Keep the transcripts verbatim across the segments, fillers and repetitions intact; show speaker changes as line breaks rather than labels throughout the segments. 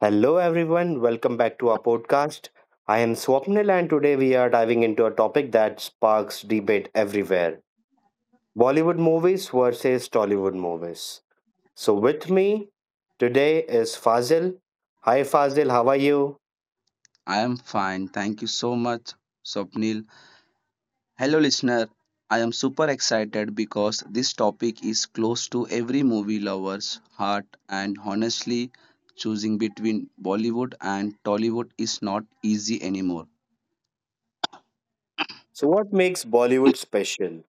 Hello, everyone. Welcome back to our podcast. I am Swapnil, and today we are diving into a topic that sparks debate everywhere Bollywood movies versus Tollywood movies. So, with me today is Fazil. Hi, Fazil, how are you?
I am fine. Thank you so much, Swapnil. Hello, listener. I am super excited because this topic is close to every movie lover's heart, and honestly, choosing between Bollywood and Tollywood is not easy anymore.
So, what makes Bollywood special?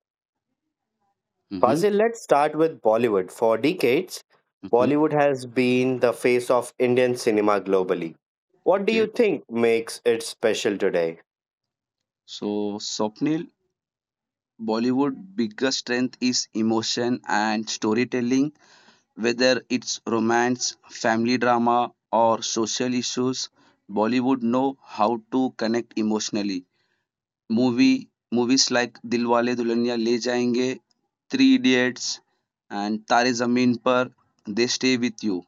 Mm-hmm,
Fazil, let's start with Bollywood. For decades,
mm-hmm,
Bollywood has been the face of Indian cinema globally. What do
okay.
you think makes it special today?
So, Swapnil, Bollywood biggest strength is emotion and storytelling. Whether it's romance, family drama, or social issues, Bollywood know how to connect emotionally. Movie movies like Dilwale Dulhania Le Jayenge, Three Idiots, and Tare Zameen Par, they stay with you.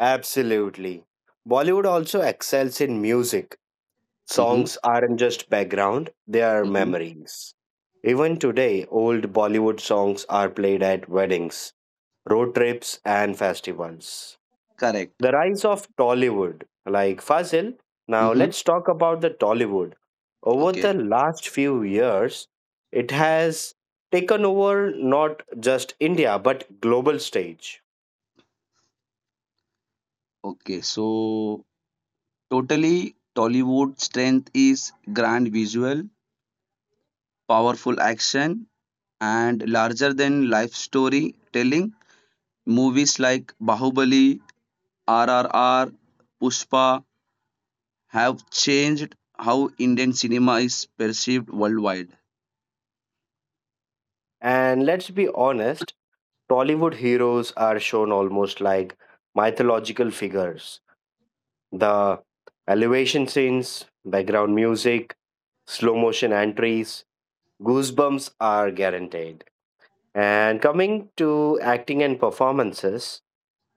Absolutely. Bollywood also excels in music.
Hmm,
Songs aren't just background, they are
hmm.
memories. Even today, old Bollywood songs are played at weddings, road trips, and festivals.
Correct.
The rise of Tollywood, like Fazil. Now,
Hmm.
let's talk about the Tollywood. Over
Okay.
the last few years, it has taken over not just India but global stage.
Okay. So totally, Tollywood strength is grand visual, powerful action, and larger than life story telling. Movies like Bahubali, R R R, Pushpa have changed how Indian cinema is perceived worldwide.
And let's be honest, Tollywood heroes are shown almost like mythological figures. The elevation scenes, background music, slow motion entries, goosebumps are guaranteed. And coming to acting and performances,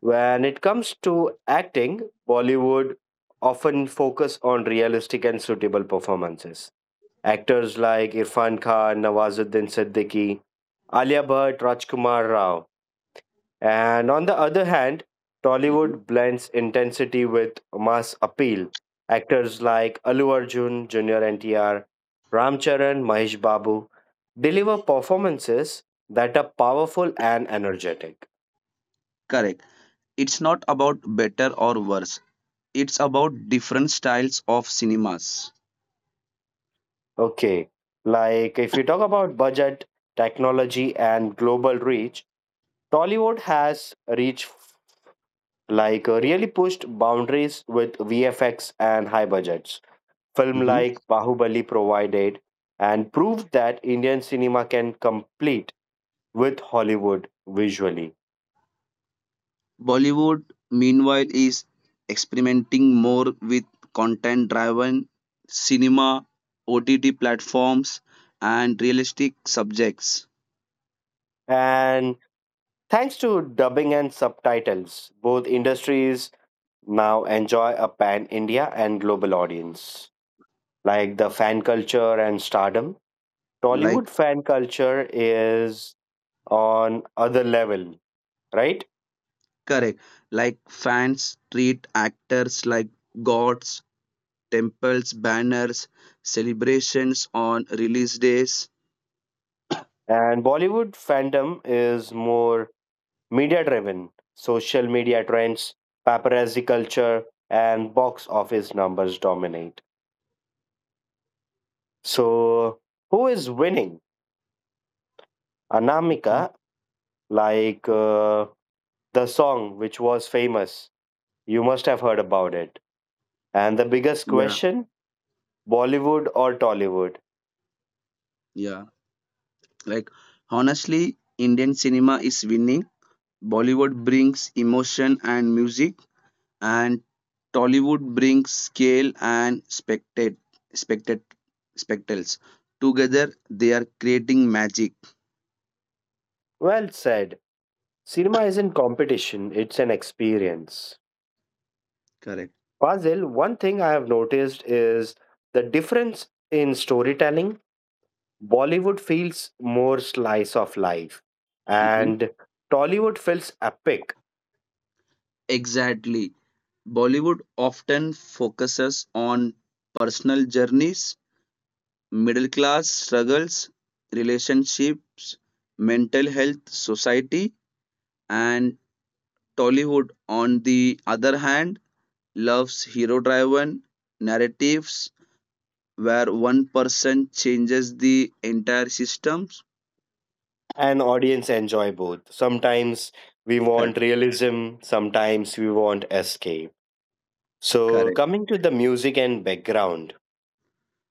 when it comes to acting, Bollywood often focus on realistic and suitable performances. Actors like Irfan Khan, Nawazuddin Siddiqui, Alia Bhatt, Rajkumar Rao and on the other hand,
Mhm.
Tollywood blends intensity with mass appeal. Actors like Allu Arjun, Junior N T R, Ramcharan, Mahesh Babu deliver performances that are powerful and energetic.
Correct. It's not about better or worse. It's about different styles of cinemas.
Okay, like if you talk about budget, technology, and global reach, Tollywood has reached like uh, really pushed boundaries with V F X and high budgets. Film
Mhm.
like Bahubali provided and proved that Indian cinema can compete with Hollywood visually.
Bollywood, meanwhile, is experimenting more with content driven cinema, O T T platforms, and realistic subjects
And thanks to dubbing and subtitles, both industries now enjoy a pan India and global audience. Like the fan culture and stardom,
like
Tollywood fan culture is on other level, right?
correct. Like fans treat actors like gods, temples, banners, celebrations on release days.
And Bollywood fandom is more media driven, social media trends, paparazzi culture, and box office numbers dominate. So, who is winning? Anamika, like uh, the song which was famous, you must have heard about it. And the biggest
Yeah,
question Bollywood or Tollywood?
yeah. Like honestly, Indian cinema is winning. Bollywood brings emotion and music, and Tollywood brings scale and spectate, spectate, spectacles. Together, they are creating magic.
Well said. Cinema isn't competition, it's an experience.
Correct.
Fazil, one thing I have noticed is the difference in storytelling Bollywood feels more slice of life, and Tollywood feels epic,
Exactly. Bollywood often focuses on personal journeys, middle class struggles, relationships, mental health, society, and Tollywood, on the other hand, loves hero driven narratives where one person changes the entire systems.
and audience enjoy both. Sometimes we
Correct.
want realism, sometimes we want escape. So,
Correct.
coming to the music and background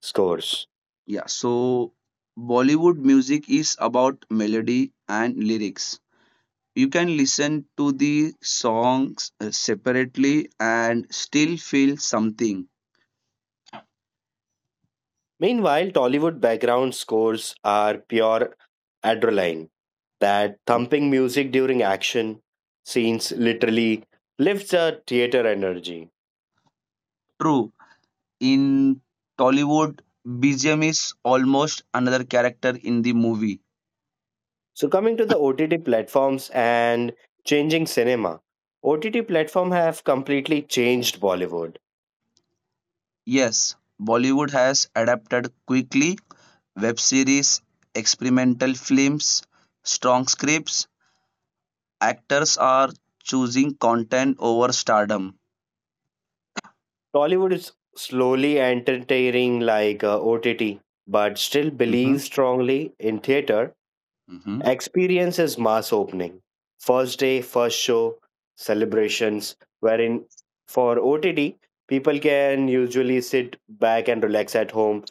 scores.
Yeah. So, Bollywood music is about melody and lyrics. You can listen to the songs uh, separately and still feel something.
Meanwhile, Tollywood background scores are pure adrenaline. That thumping music during action scenes literally lifts the theater energy.
True, in Tollywood, B G M is almost another character in the movie.
So coming to the O T T platforms and changing cinema, O T T platform have completely changed Bollywood.
Yes, Bollywood has adapted quickly web series, experimental films, strong scripts. Actors are choosing content over stardom.
Bollywood is slowly entertaining like uh, O T T, but still
Hmm,
believes strongly in theater.
hmm.
Experience is mass opening, first day, first show, celebrations. Wherein for O T T, people can usually sit back and relax at home,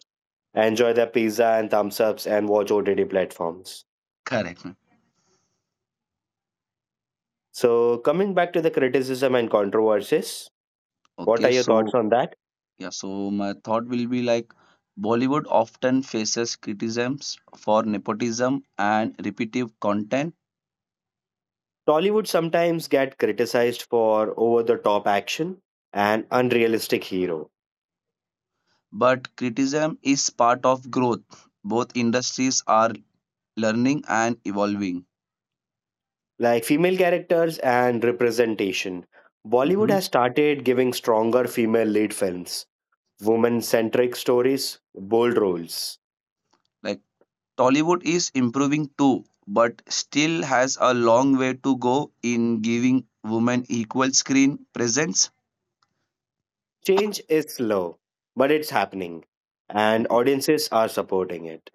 enjoy their pizza and thumbs ups, and watch O T T platforms.
Correct.
So, coming back to the criticism and controversies, what
Okay,
are your thoughts
so
on that?
yeah, so my thought will be like Bollywood often faces criticisms for nepotism and repetitive content,
Tollywood sometimes get criticized for over the top action and unrealistic hero,
but criticism is part of growth. Both industries are learning and evolving.
like female characters and representation. Bollywood
Mhm.
has started giving stronger female lead films, woman centric stories, bold roles.
Like Tollywood is improving too, but still has a long way to go in giving women equal screen presence.
Change is slow, but it's happening, and
Mhm.
audiences are supporting it.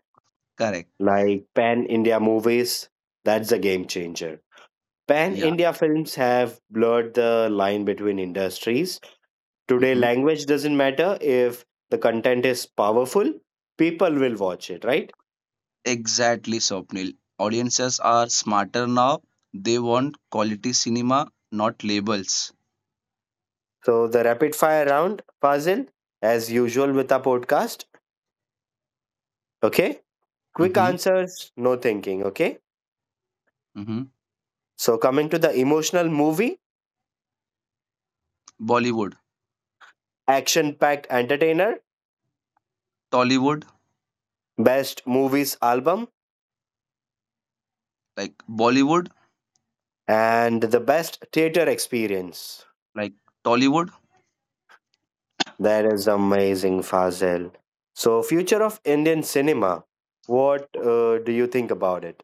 Correct.
Like Pan India movies, that's a game changer. Pan
Yeah.
India films have blurred the line between industries. Today,
Mhm.
language doesn't matter. If the content is powerful, people will watch it, right?
Exactly, Swapnil. Audiences are smarter now. They want quality cinema, not labels.
So, the rapid fire round, Fazil, as usual with our podcast, okay? Quick
Mm-hmm,
answers, no thinking, okay?
mm-hmm.
So, coming to the emotional movie,
Bollywood,
action packed entertainer,
Tollywood,
best movies album,
like Bollywood,
and the best theater experience.
like Tollywood.
That is amazing, Fazil. So, future of Indian cinema. What uh, do you think about it?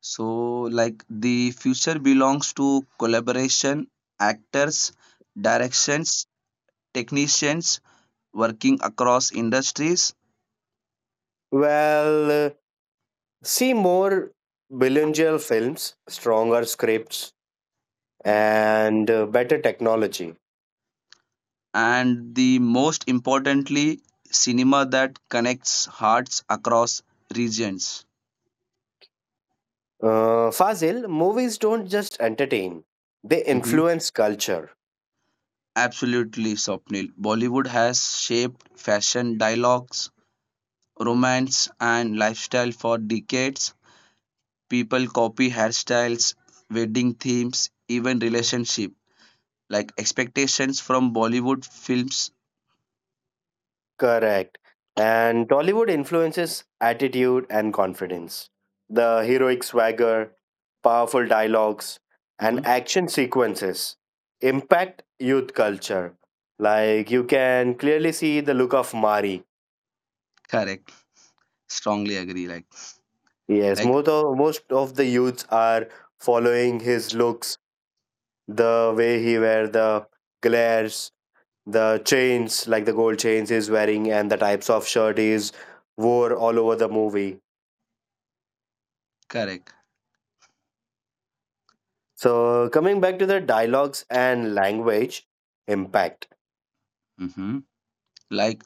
So, like the future belongs to collaboration, actors, directions, technicians working across industries,
Well, uh, see more bilingual films, stronger scripts, and uh, better technology.
and the most importantly, cinema that connects hearts across regions.
Uh, Fazil, movies don't just entertain; they
Mm-hmm.
influence culture.
Absolutely, Swapnil. Bollywood has shaped fashion, dialogues, romance, and lifestyle for decades. People copy hairstyles, wedding themes, even relationship. Like expectations from Bollywood films.
Correct. And Tollywood influences attitude and confidence. The heroic swagger, powerful dialogues, and
Mhm.
action sequences impact youth culture. Like you can clearly see the look of Mari.
Correct. Strongly agree. Like,
Yes,
like
most of, most of the youths are following his looks, the way he wear the glares, the chains, like the gold chains he's wearing, and the types of shirt he's wore all over the movie.
correct.
So, coming back to the dialogues and language impact,
Hmm. Like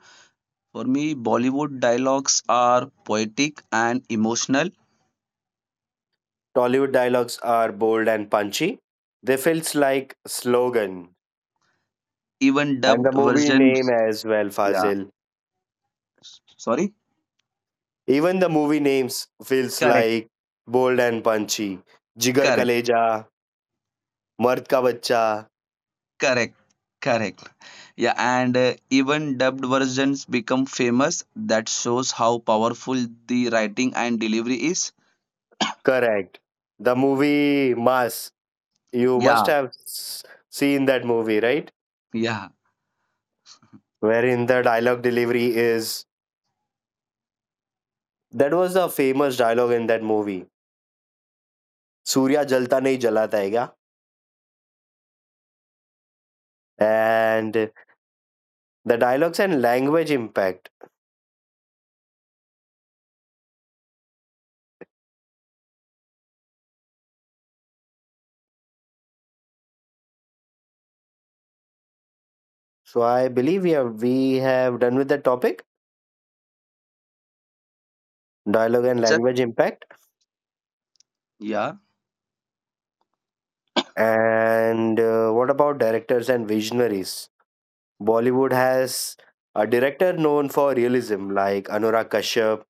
for me, Bollywood dialogues are poetic and emotional.
Tollywood dialogues are bold and punchy. They feels like slogan,
Even
and the
dubbed
movie name
versions.
as well,
Yeah.
Fazil.
Sorry.
Even the movie names feels
Correct.
like bold and punchy. Jigar
Correct.
Kaleja, Mard Ka Bachcha,
Correct. Correct. Yeah, and uh, even dubbed versions become famous. That shows how powerful the writing and delivery is.
correct. The movie Mass, you must
Yeah,
have s- seen that movie, right?
yeah.
Wherein the dialogue delivery is that was the famous dialogue in that movie Surya Jalta Nahi Jala Jayega, and the dialogues and language impact. So I believe we have we have done with the topic dialogue and
Ju-
language impact.
yeah,
And uh, what about directors and visionaries? Bollywood has a director known for realism like Anurag Kashyap,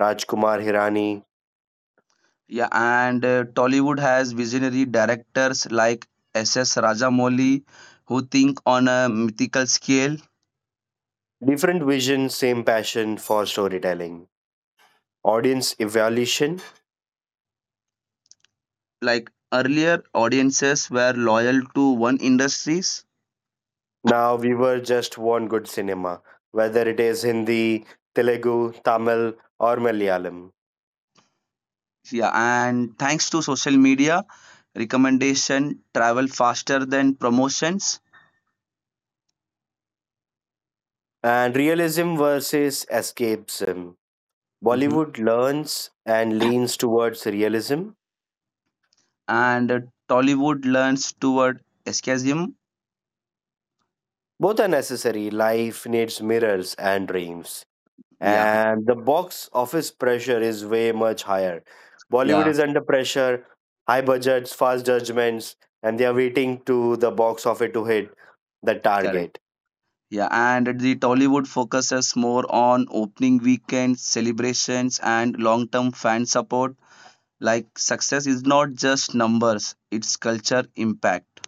Rajkumar Hirani.
yeah, and uh, Tollywood has visionary directors like S S. Rajamouli who think on a mythical scale.
Different vision, same passion for storytelling. Audience evaluation.
Like earlier, audiences were loyal to one industries.
Now we were just want good cinema, whether it is Hindi, Telugu, Tamil, or Malayalam.
Yeah, and thanks to social media, recommendation travel faster than promotions.
And realism versus escapism.
Mhm.
Bollywood learns and leans towards realism.
And uh, Tollywood learns toward escapism.
Both are necessary. Life needs mirrors and dreams.
Yeah,
And the box office pressure is way much higher. Bollywood
yeah,
is under pressure, high budgets, fast judgments, and they are waiting to the box office to hit the
correct.
target.
Yeah, and the Tollywood focuses more on opening weekends, celebrations, and long-term fan support. Like success is not just numbers, it's culture impact.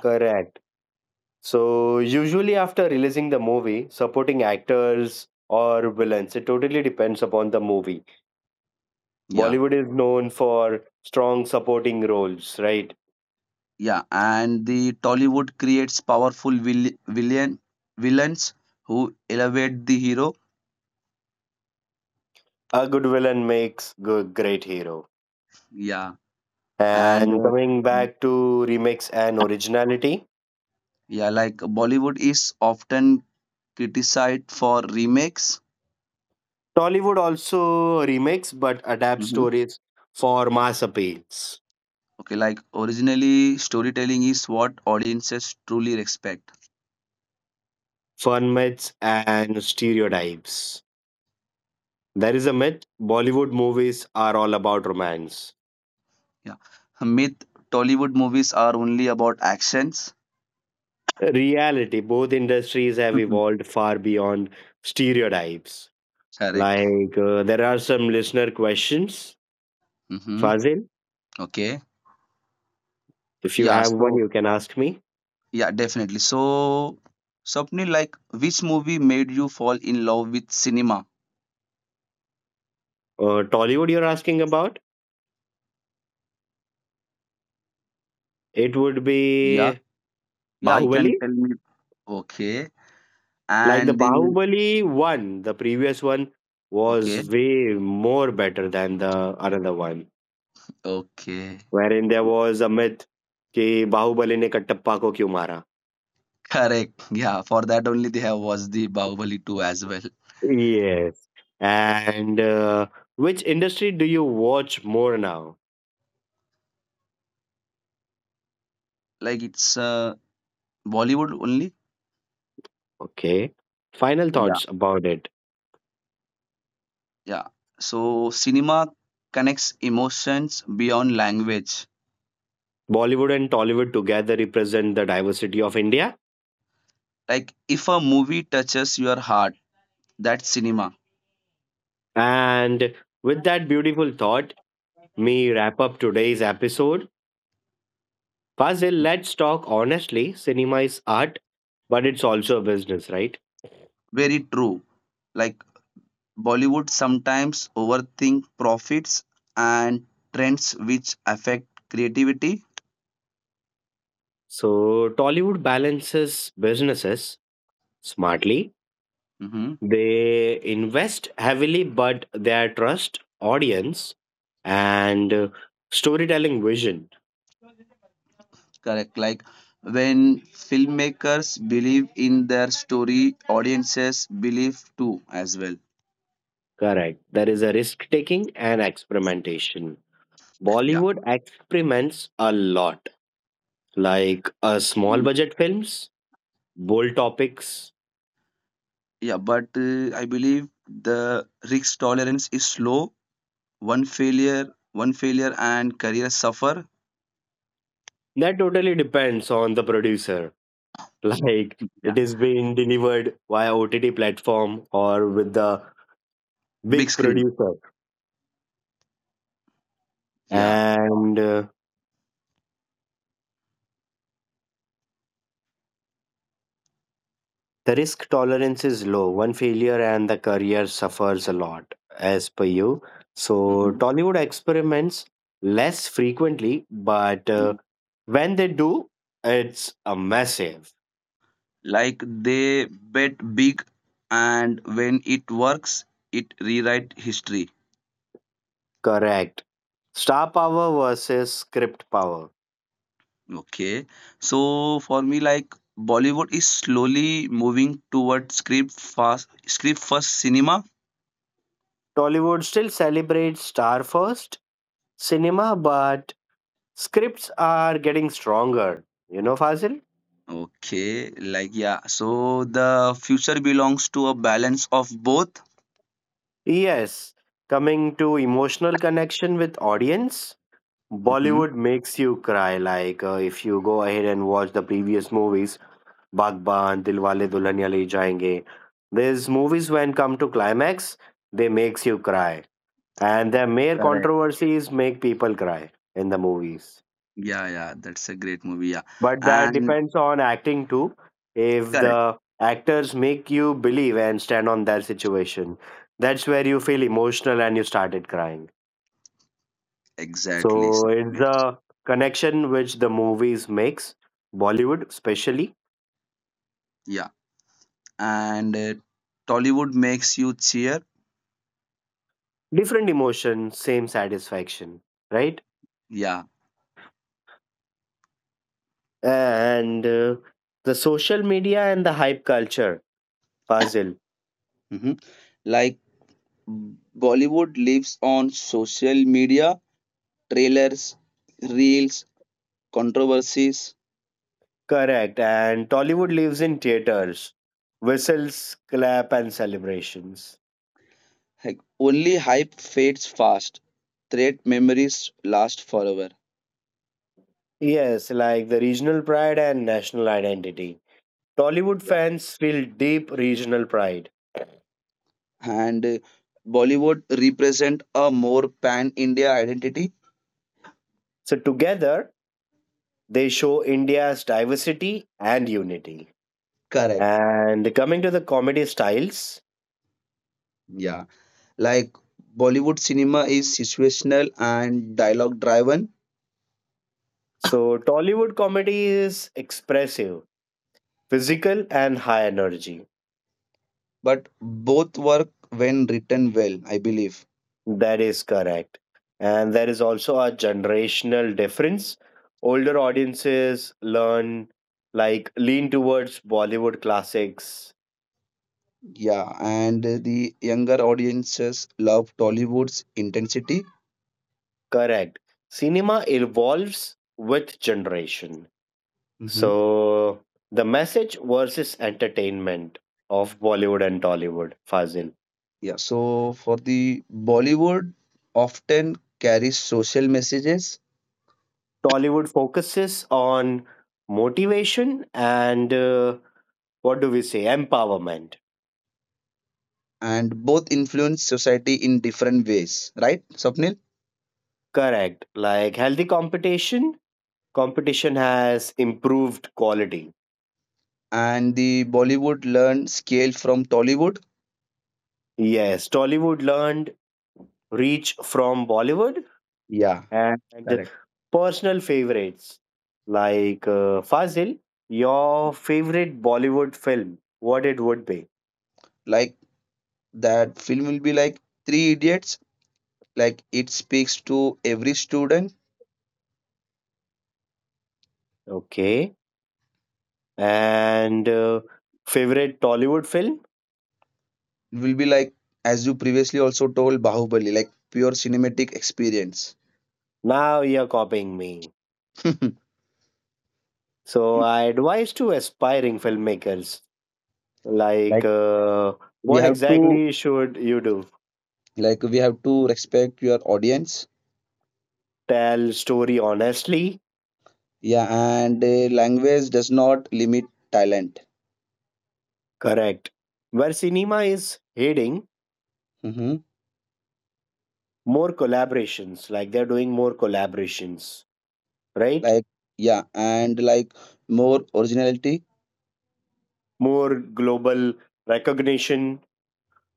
Correct. So usually after releasing the movie, supporting actors or villains, it totally depends upon the movie.
Yeah,
Bollywood is known for strong supporting roles, right?
yeah, and the Tollywood creates powerful vil- villain villains who elevate the hero.
A good villain makes good great hero.
Yeah, and
And
uh,
coming back to remakes and originality,
yeah, like Bollywood is often criticized for remakes.
Tollywood also remakes but adapts
Mm-hmm.
stories for mass appeals,
Okay, like originally, storytelling is what audiences truly respect.
fun myths and stereotypes. There is a myth Bollywood movies are all about romance
Yeah. Myth Tollywood movies are only about actions.
reality both industries have
Mhm.
evolved far beyond stereotypes
Correct.
like uh, there are some listener questions
Mm-hmm.
Fazil
Okay.
if you
Yeah.
have one
So,
you can ask me
yeah, definitely. So, Swapnil, like, which movie made you fall in love with cinema?
uh, Tollywood you're asking about it would
Yeah,
be
yeah, you can
Bahubali
tell me. Okay.
like the
And the.
Bahubali one the previous one
Okay.
was way more better than the another one
Okay.
wherein there
Yeah.
was a myth कि बाहुबली ने कटप्पा को क्यों मारा.
Correct. Yeah. For that only, they have watched the Bahubali two as well.
Yes. And uh, which industry do you watch more now?
Like, it's uh, Bollywood only.
Okay. Final
Yeah,
thoughts about it.
yeah. So cinema connects emotions beyond language.
Bollywood and Tollywood together represent the diversity of India.
Like if a movie touches your heart, that's cinema.
And with that beautiful thought, me wrap up today's episode. Fazil, let's talk honestly. Cinema is art, but it's also a business, right?
Very true. Like Bollywood sometimes overthink profits and trends which affect creativity.
So Tollywood balances businesses smartly.
Hmm.
They invest heavily, but their trust, audience, and uh, storytelling vision.
Correct. Like when filmmakers believe in their story, audiences believe too as well.
Correct. There is a risk taking and experimentation.
Yeah.
Bollywood experiments a lot, like uh, small
Mhm.
budget films, bold topics.
Yeah, but uh, I believe the risk tolerance is low. One failure, One failure and career suffer.
That totally depends on the producer. Like
Yeah.
it is being delivered via O T T platform or with the
Big
big
screen.
producer.
Yeah.
And uh, the risk tolerance is low. One failure and the career suffers a lot, as per you. So,
Mhm.
Tollywood experiments less frequently, but uh,
Mhm.
when they do, it's a massive.
Like they bet big and when it works, it rewrite history.
Correct. Star power versus script power.
Okay. So for me, like Bollywood is slowly moving towards script fast script first cinema.
Tollywood still celebrates star first cinema, but scripts are getting stronger. You know, Fazil?
Okay, like yeah. So the future belongs to a balance of both.
Yes. Coming to emotional connection with audience,
Mm-hmm.
Bollywood makes you cry. Like uh, if you go ahead and watch the previous movies, Bagban, Dilwale Dulhania Le Jayenge, these movies when come to climax, they makes you cry, and their mere
Correct.
controversies make people cry in the movies.
Yeah, yeah. That's a great movie. Yeah,
But that
and
depends on acting too. If
correct.
the actors make you believe and stand on that situation, that's where you feel emotional and you started crying.
Exactly,
So it's
chocolate.
the connection which the movies makes, Bollywood especially.
Yeah, and uh, Tollywood makes you cheer.
Different emotion, same satisfaction, right?
Yeah,
And uh, the social media and the hype culture puzzle,
hmm, like B- Bollywood lives on social media, trailers, reels, controversies.
correct. And Tollywood lives in theaters, whistles, clap, and celebrations.
Like only hype fades fast. Threat memories last forever.
Yes, like the regional pride and national identity. Tollywood
Yeah.
fans feel deep regional pride.
And uh, Bollywood represent a more pan-India identity.
So together, they show India's diversity and unity.
Correct.
And coming to the comedy styles,
Yeah. Like Bollywood cinema is situational and dialogue driven,
so Tollywood comedy is expressive, physical, and high energy.
but both work when written well, I believe.
That is correct. And there is also a generational difference. Older audiences learn, like, lean towards Bollywood classics.
Yeah, and the younger audiences love Tollywood's intensity.
Correct. Cinema evolves with generation.
Hmm.
So, the message versus entertainment of Bollywood and Tollywood, Fazil.
Yeah, so for the Bollywood often carries social messages
Tollywood focuses on motivation and uh, what do we say empowerment
and both influence society in different ways, right, Sapnil?
correct like healthy competition competition has improved quality
And the Bollywood learned scale from Tollywood.
yes Tollywood learned reach from Bollywood
Yeah,
and
correct.
personal favorites like uh, Fazil your favorite Bollywood film what it would be
Like that film will be like Three Idiots, like it speaks to every student
okay and uh, favorite Tollywood film
will be like, as you previously also told, Bahubali, like pure cinematic experience.
now you're copying me. So I advise to aspiring filmmakers
Like
like uh,
we
what
have to,
exactly should you do?
like we have to respect your audience.
Tell story honestly,
Yeah, and uh, language does not limit talent.
correct. Where cinema is heading,
Hmm.
more collaborations, like they're doing more collaborations, right?
Like yeah, and like more originality.
More global recognition.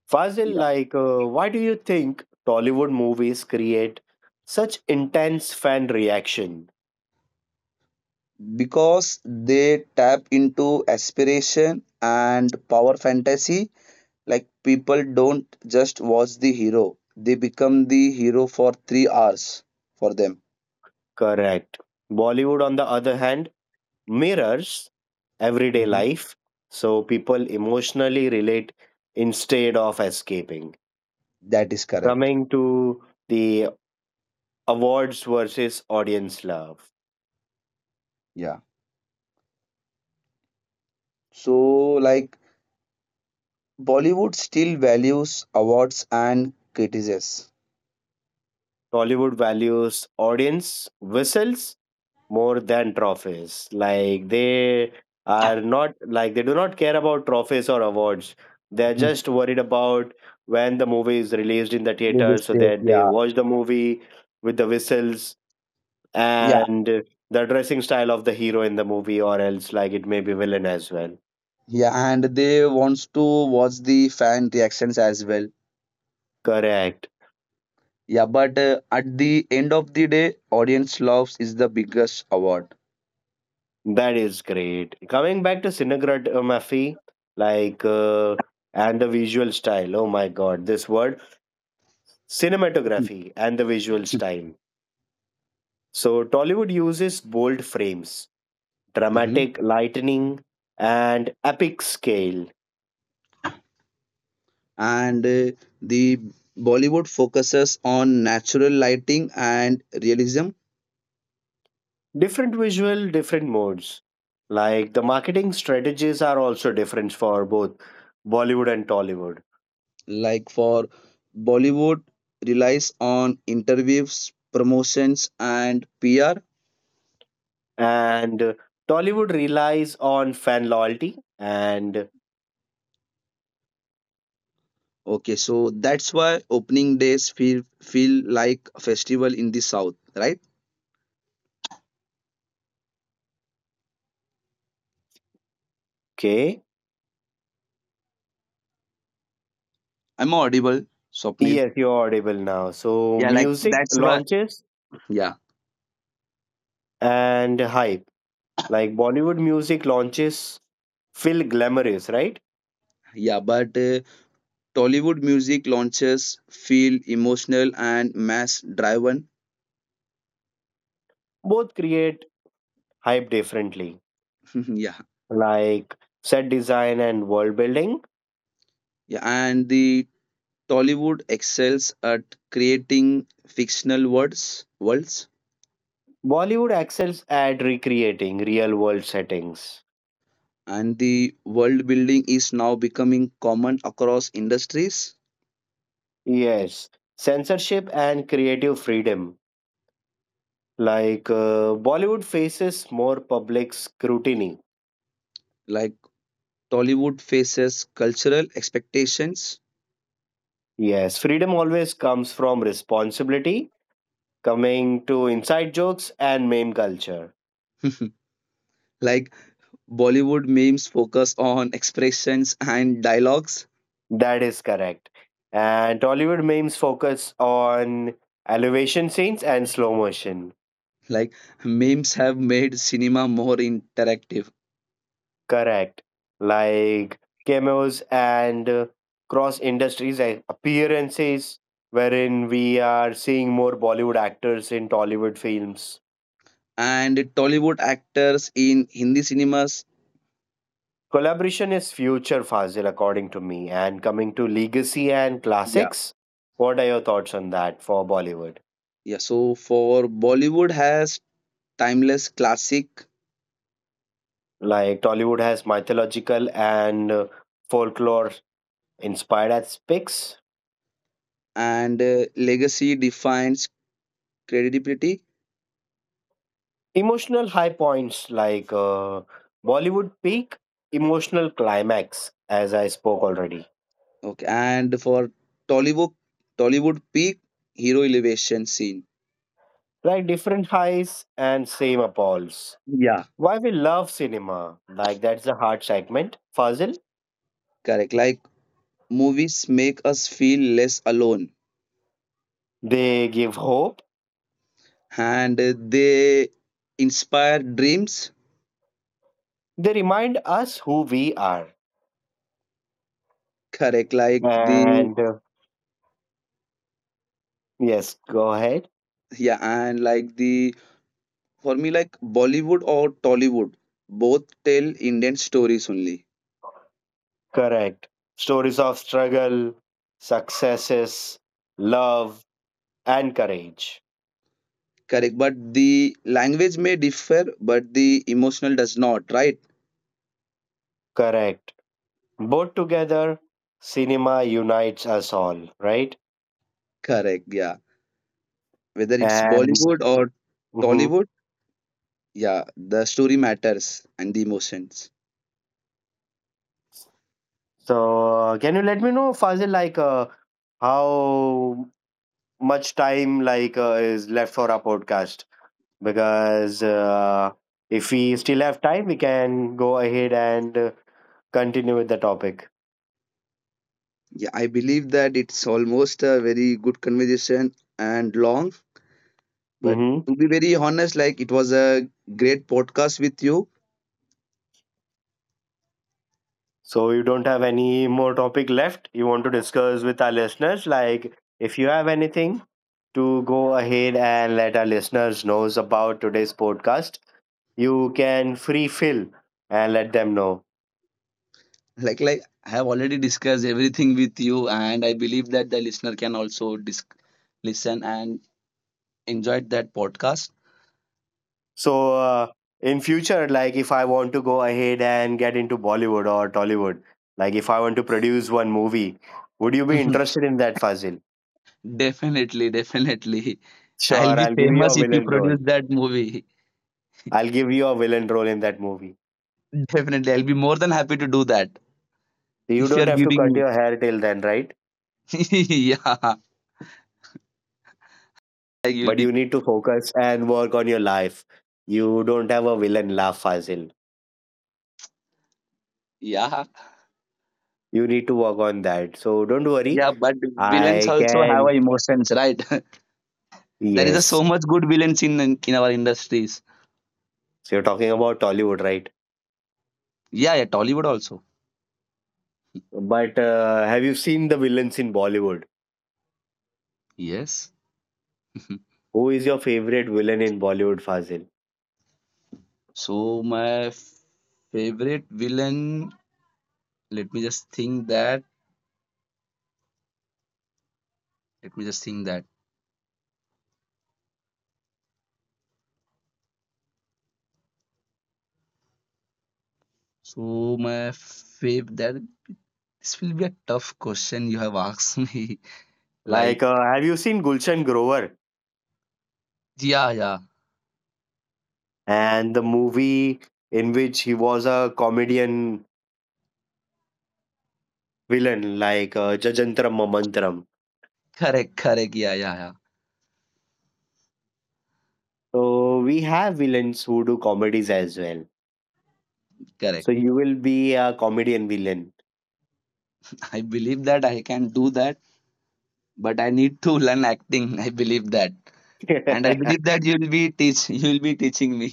Fazil,
Yeah,
like, uh, why do you think Tollywood movies create such intense fan reaction?
because they tap into aspiration and power fantasy. Like people don't just watch the hero; they become the hero for three hours for them.
Correct. Bollywood, on the other hand, mirrors everyday
Mhm.
life so people emotionally relate instead of escaping
That is correct.
coming to the awards versus audience love
Yeah. So, like, Bollywood still values awards and criticism.
Tollywood values audience whistles more than trophies like they are not like they do not care about trophies or awards they're
Mhm.
just worried about when the movie is released in the
They
theater
just
so
do it.
that they
Yeah.
watch the movie with the whistles
Yeah.
and the dressing style of the hero in the movie or else like it may be villain as well
Yeah. And they wants to watch the fan reactions as well.
correct
Yeah. But uh, at the end of the day, audience loves is the biggest award.
that is great coming back to Sinagrat uh, Mafi like uh, and the visual style oh my god this word cinematography and the visual style so Tollywood uses bold frames
Mhm.
dramatic lightning and epic scale
And uh, the Bollywood focuses on natural lighting and realism,
different visual, different modes. Like the marketing strategies are also different for both Bollywood and Tollywood.
like for Bollywood relies on interviews, promotions, and PR.
And uh, Tollywood relies on fan loyalty, and
Okay, so that's why opening days feel feel like a festival in the south, right?
okay.
I'm audible, Swapnil?
Yes, you're audible now. So,
Yeah, like
music
that's why
launches
yeah,
and hype. Like Bollywood music launches feel glamorous, right?
yeah, but uh, Tollywood music launches feel emotional and mass driven.
Both create hype differently.
Yeah,
Like set design and world building,
yeah, and the Tollywood excels at creating fictional worlds worlds
Bollywood excels at recreating real world settings.
and the world building is now becoming common across industries.
Yes, censorship and creative freedom. Like uh, Bollywood faces more public scrutiny.
Like Tollywood faces cultural expectations.
Yes, freedom always comes from responsibility coming to inside jokes and meme culture.
Like Bollywood memes focus on expressions and dialogues.
That is correct. And Tollywood memes focus on elevation scenes and slow motion.
Like memes have made cinema more interactive
Correct. Like cameos and uh, cross industries a- appearances, wherein we are seeing more Bollywood actors in Tollywood films.
and Tollywood actors in Hindi cinemas.
Collaboration is future, Fazil, according to me. And coming to legacy and
Yeah,
classics, what are your thoughts on that for Bollywood?
yeah, so for Bollywood has timeless classic
Like Tollywood has mythological and uh, folklore inspired aspects.
and uh, legacy defines credibility.
Emotional high points like uh, Bollywood peak emotional climax, as I spoke already.
Okay. And for Tollywood, Tollywood peak hero elevation scene.
Like different highs and same appalls.
Yeah,
Why we love cinema? Like that's the heart segment. Fazil,
correct. Like movies make us feel less alone
they give hope.
and uh, they inspire dreams.
They remind us who we are.
Correct. Like the,
And uh, yes, go ahead.
yeah, and like the, for me, like Bollywood or Tollywood, both tell Indian stories only.
Correct. Stories of struggle, successes, love, and courage.
Correct. But the language may differ, but the emotional does not, right?
Correct. Both together, cinema unites us all, right?
Correct. Yeah. Whether it's
And
Bollywood or
mhm.
Tollywood, yeah, the story matters and the emotions.
So, uh, can you let me know, Fazil, like uh, how much time like uh, is left for our podcast? Because uh, if we still have time, we can go ahead and uh, continue with the topic.
Yeah, I believe that it's almost a very good conversation and long, but
Mm-hmm.
to be very honest, like it was a great podcast with you.
So you don't have any more topic left you want to discuss with our listeners? Like if you have anything to go ahead and let our listeners knows about today's podcast, you can free fill and let them know.
like like I have already discussed everything with you and I believe that the listener can also dis- listen and enjoyed that podcast.
So uh, in future, like if I want to go ahead and get into Bollywood or Tollywood, like if I want to produce one movie, would you be interested in that, Fazil?
Definitely, definitely, I'll
Sure,
be
I'll give you
famous
a
if you
villain
produce
role.
that movie.
I'll give you a villain role in that movie.
Definitely, I'll be more than happy to do that
You
if you're
don't have to cut
giving
your hair till then, right?
me. Yeah, you'll
But
be,
you need to focus and work on your life. You don't have a villain laugh Fazil.
yeah,
You need to work on that. So don't worry.
yeah, but villains
I
also have a
can.
emotions, right? There is a so
Yes.
much good villains in in in our industries.
So you're talking about Tollywood, right?
Yeah, yeah, Tollywood also,
But uh, have you seen the villains in Bollywood?
yes.
Who is your favorite villain in Bollywood, Fazil?
So my favorite villain, let me just think that. Let me just think that so my fav that this will be a tough question you have asked. Me, like
Like, uh, have you seen Gulshan Grover
yeah, yeah,
and the movie in which he was a comedian villain, like uh, Jajantram Mamantram?
correct, correct, yeah, yeah, yeah,
So we have villains who do comedies as well.
correct.
So you will be a comedian villain.
I believe that I can do that, but I need to learn acting, I believe that. And I believe that you'll be teach, you'll be teaching me.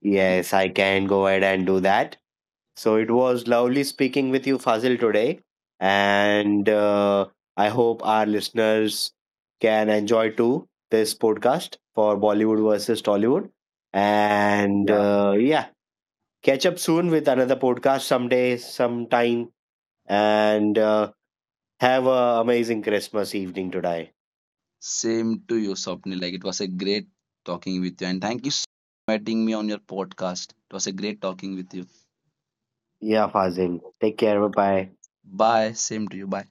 Yes, I can go ahead and do that. So it was lovely speaking with you, Fazil, today. And uh, I hope our listeners can enjoy too this podcast for Bollywood versus Tollywood. And
Yeah.
uh, yeah, catch up soon with another podcast someday, sometime. And uh, have an amazing Christmas evening today.
Same to you, Swapnil. Like it was a great talking with you. And thank you so much for inviting me on your podcast. It was a great talking with you.
Yeah, Fazil. Take care. Bye bye.
Bye. Same to you. Bye.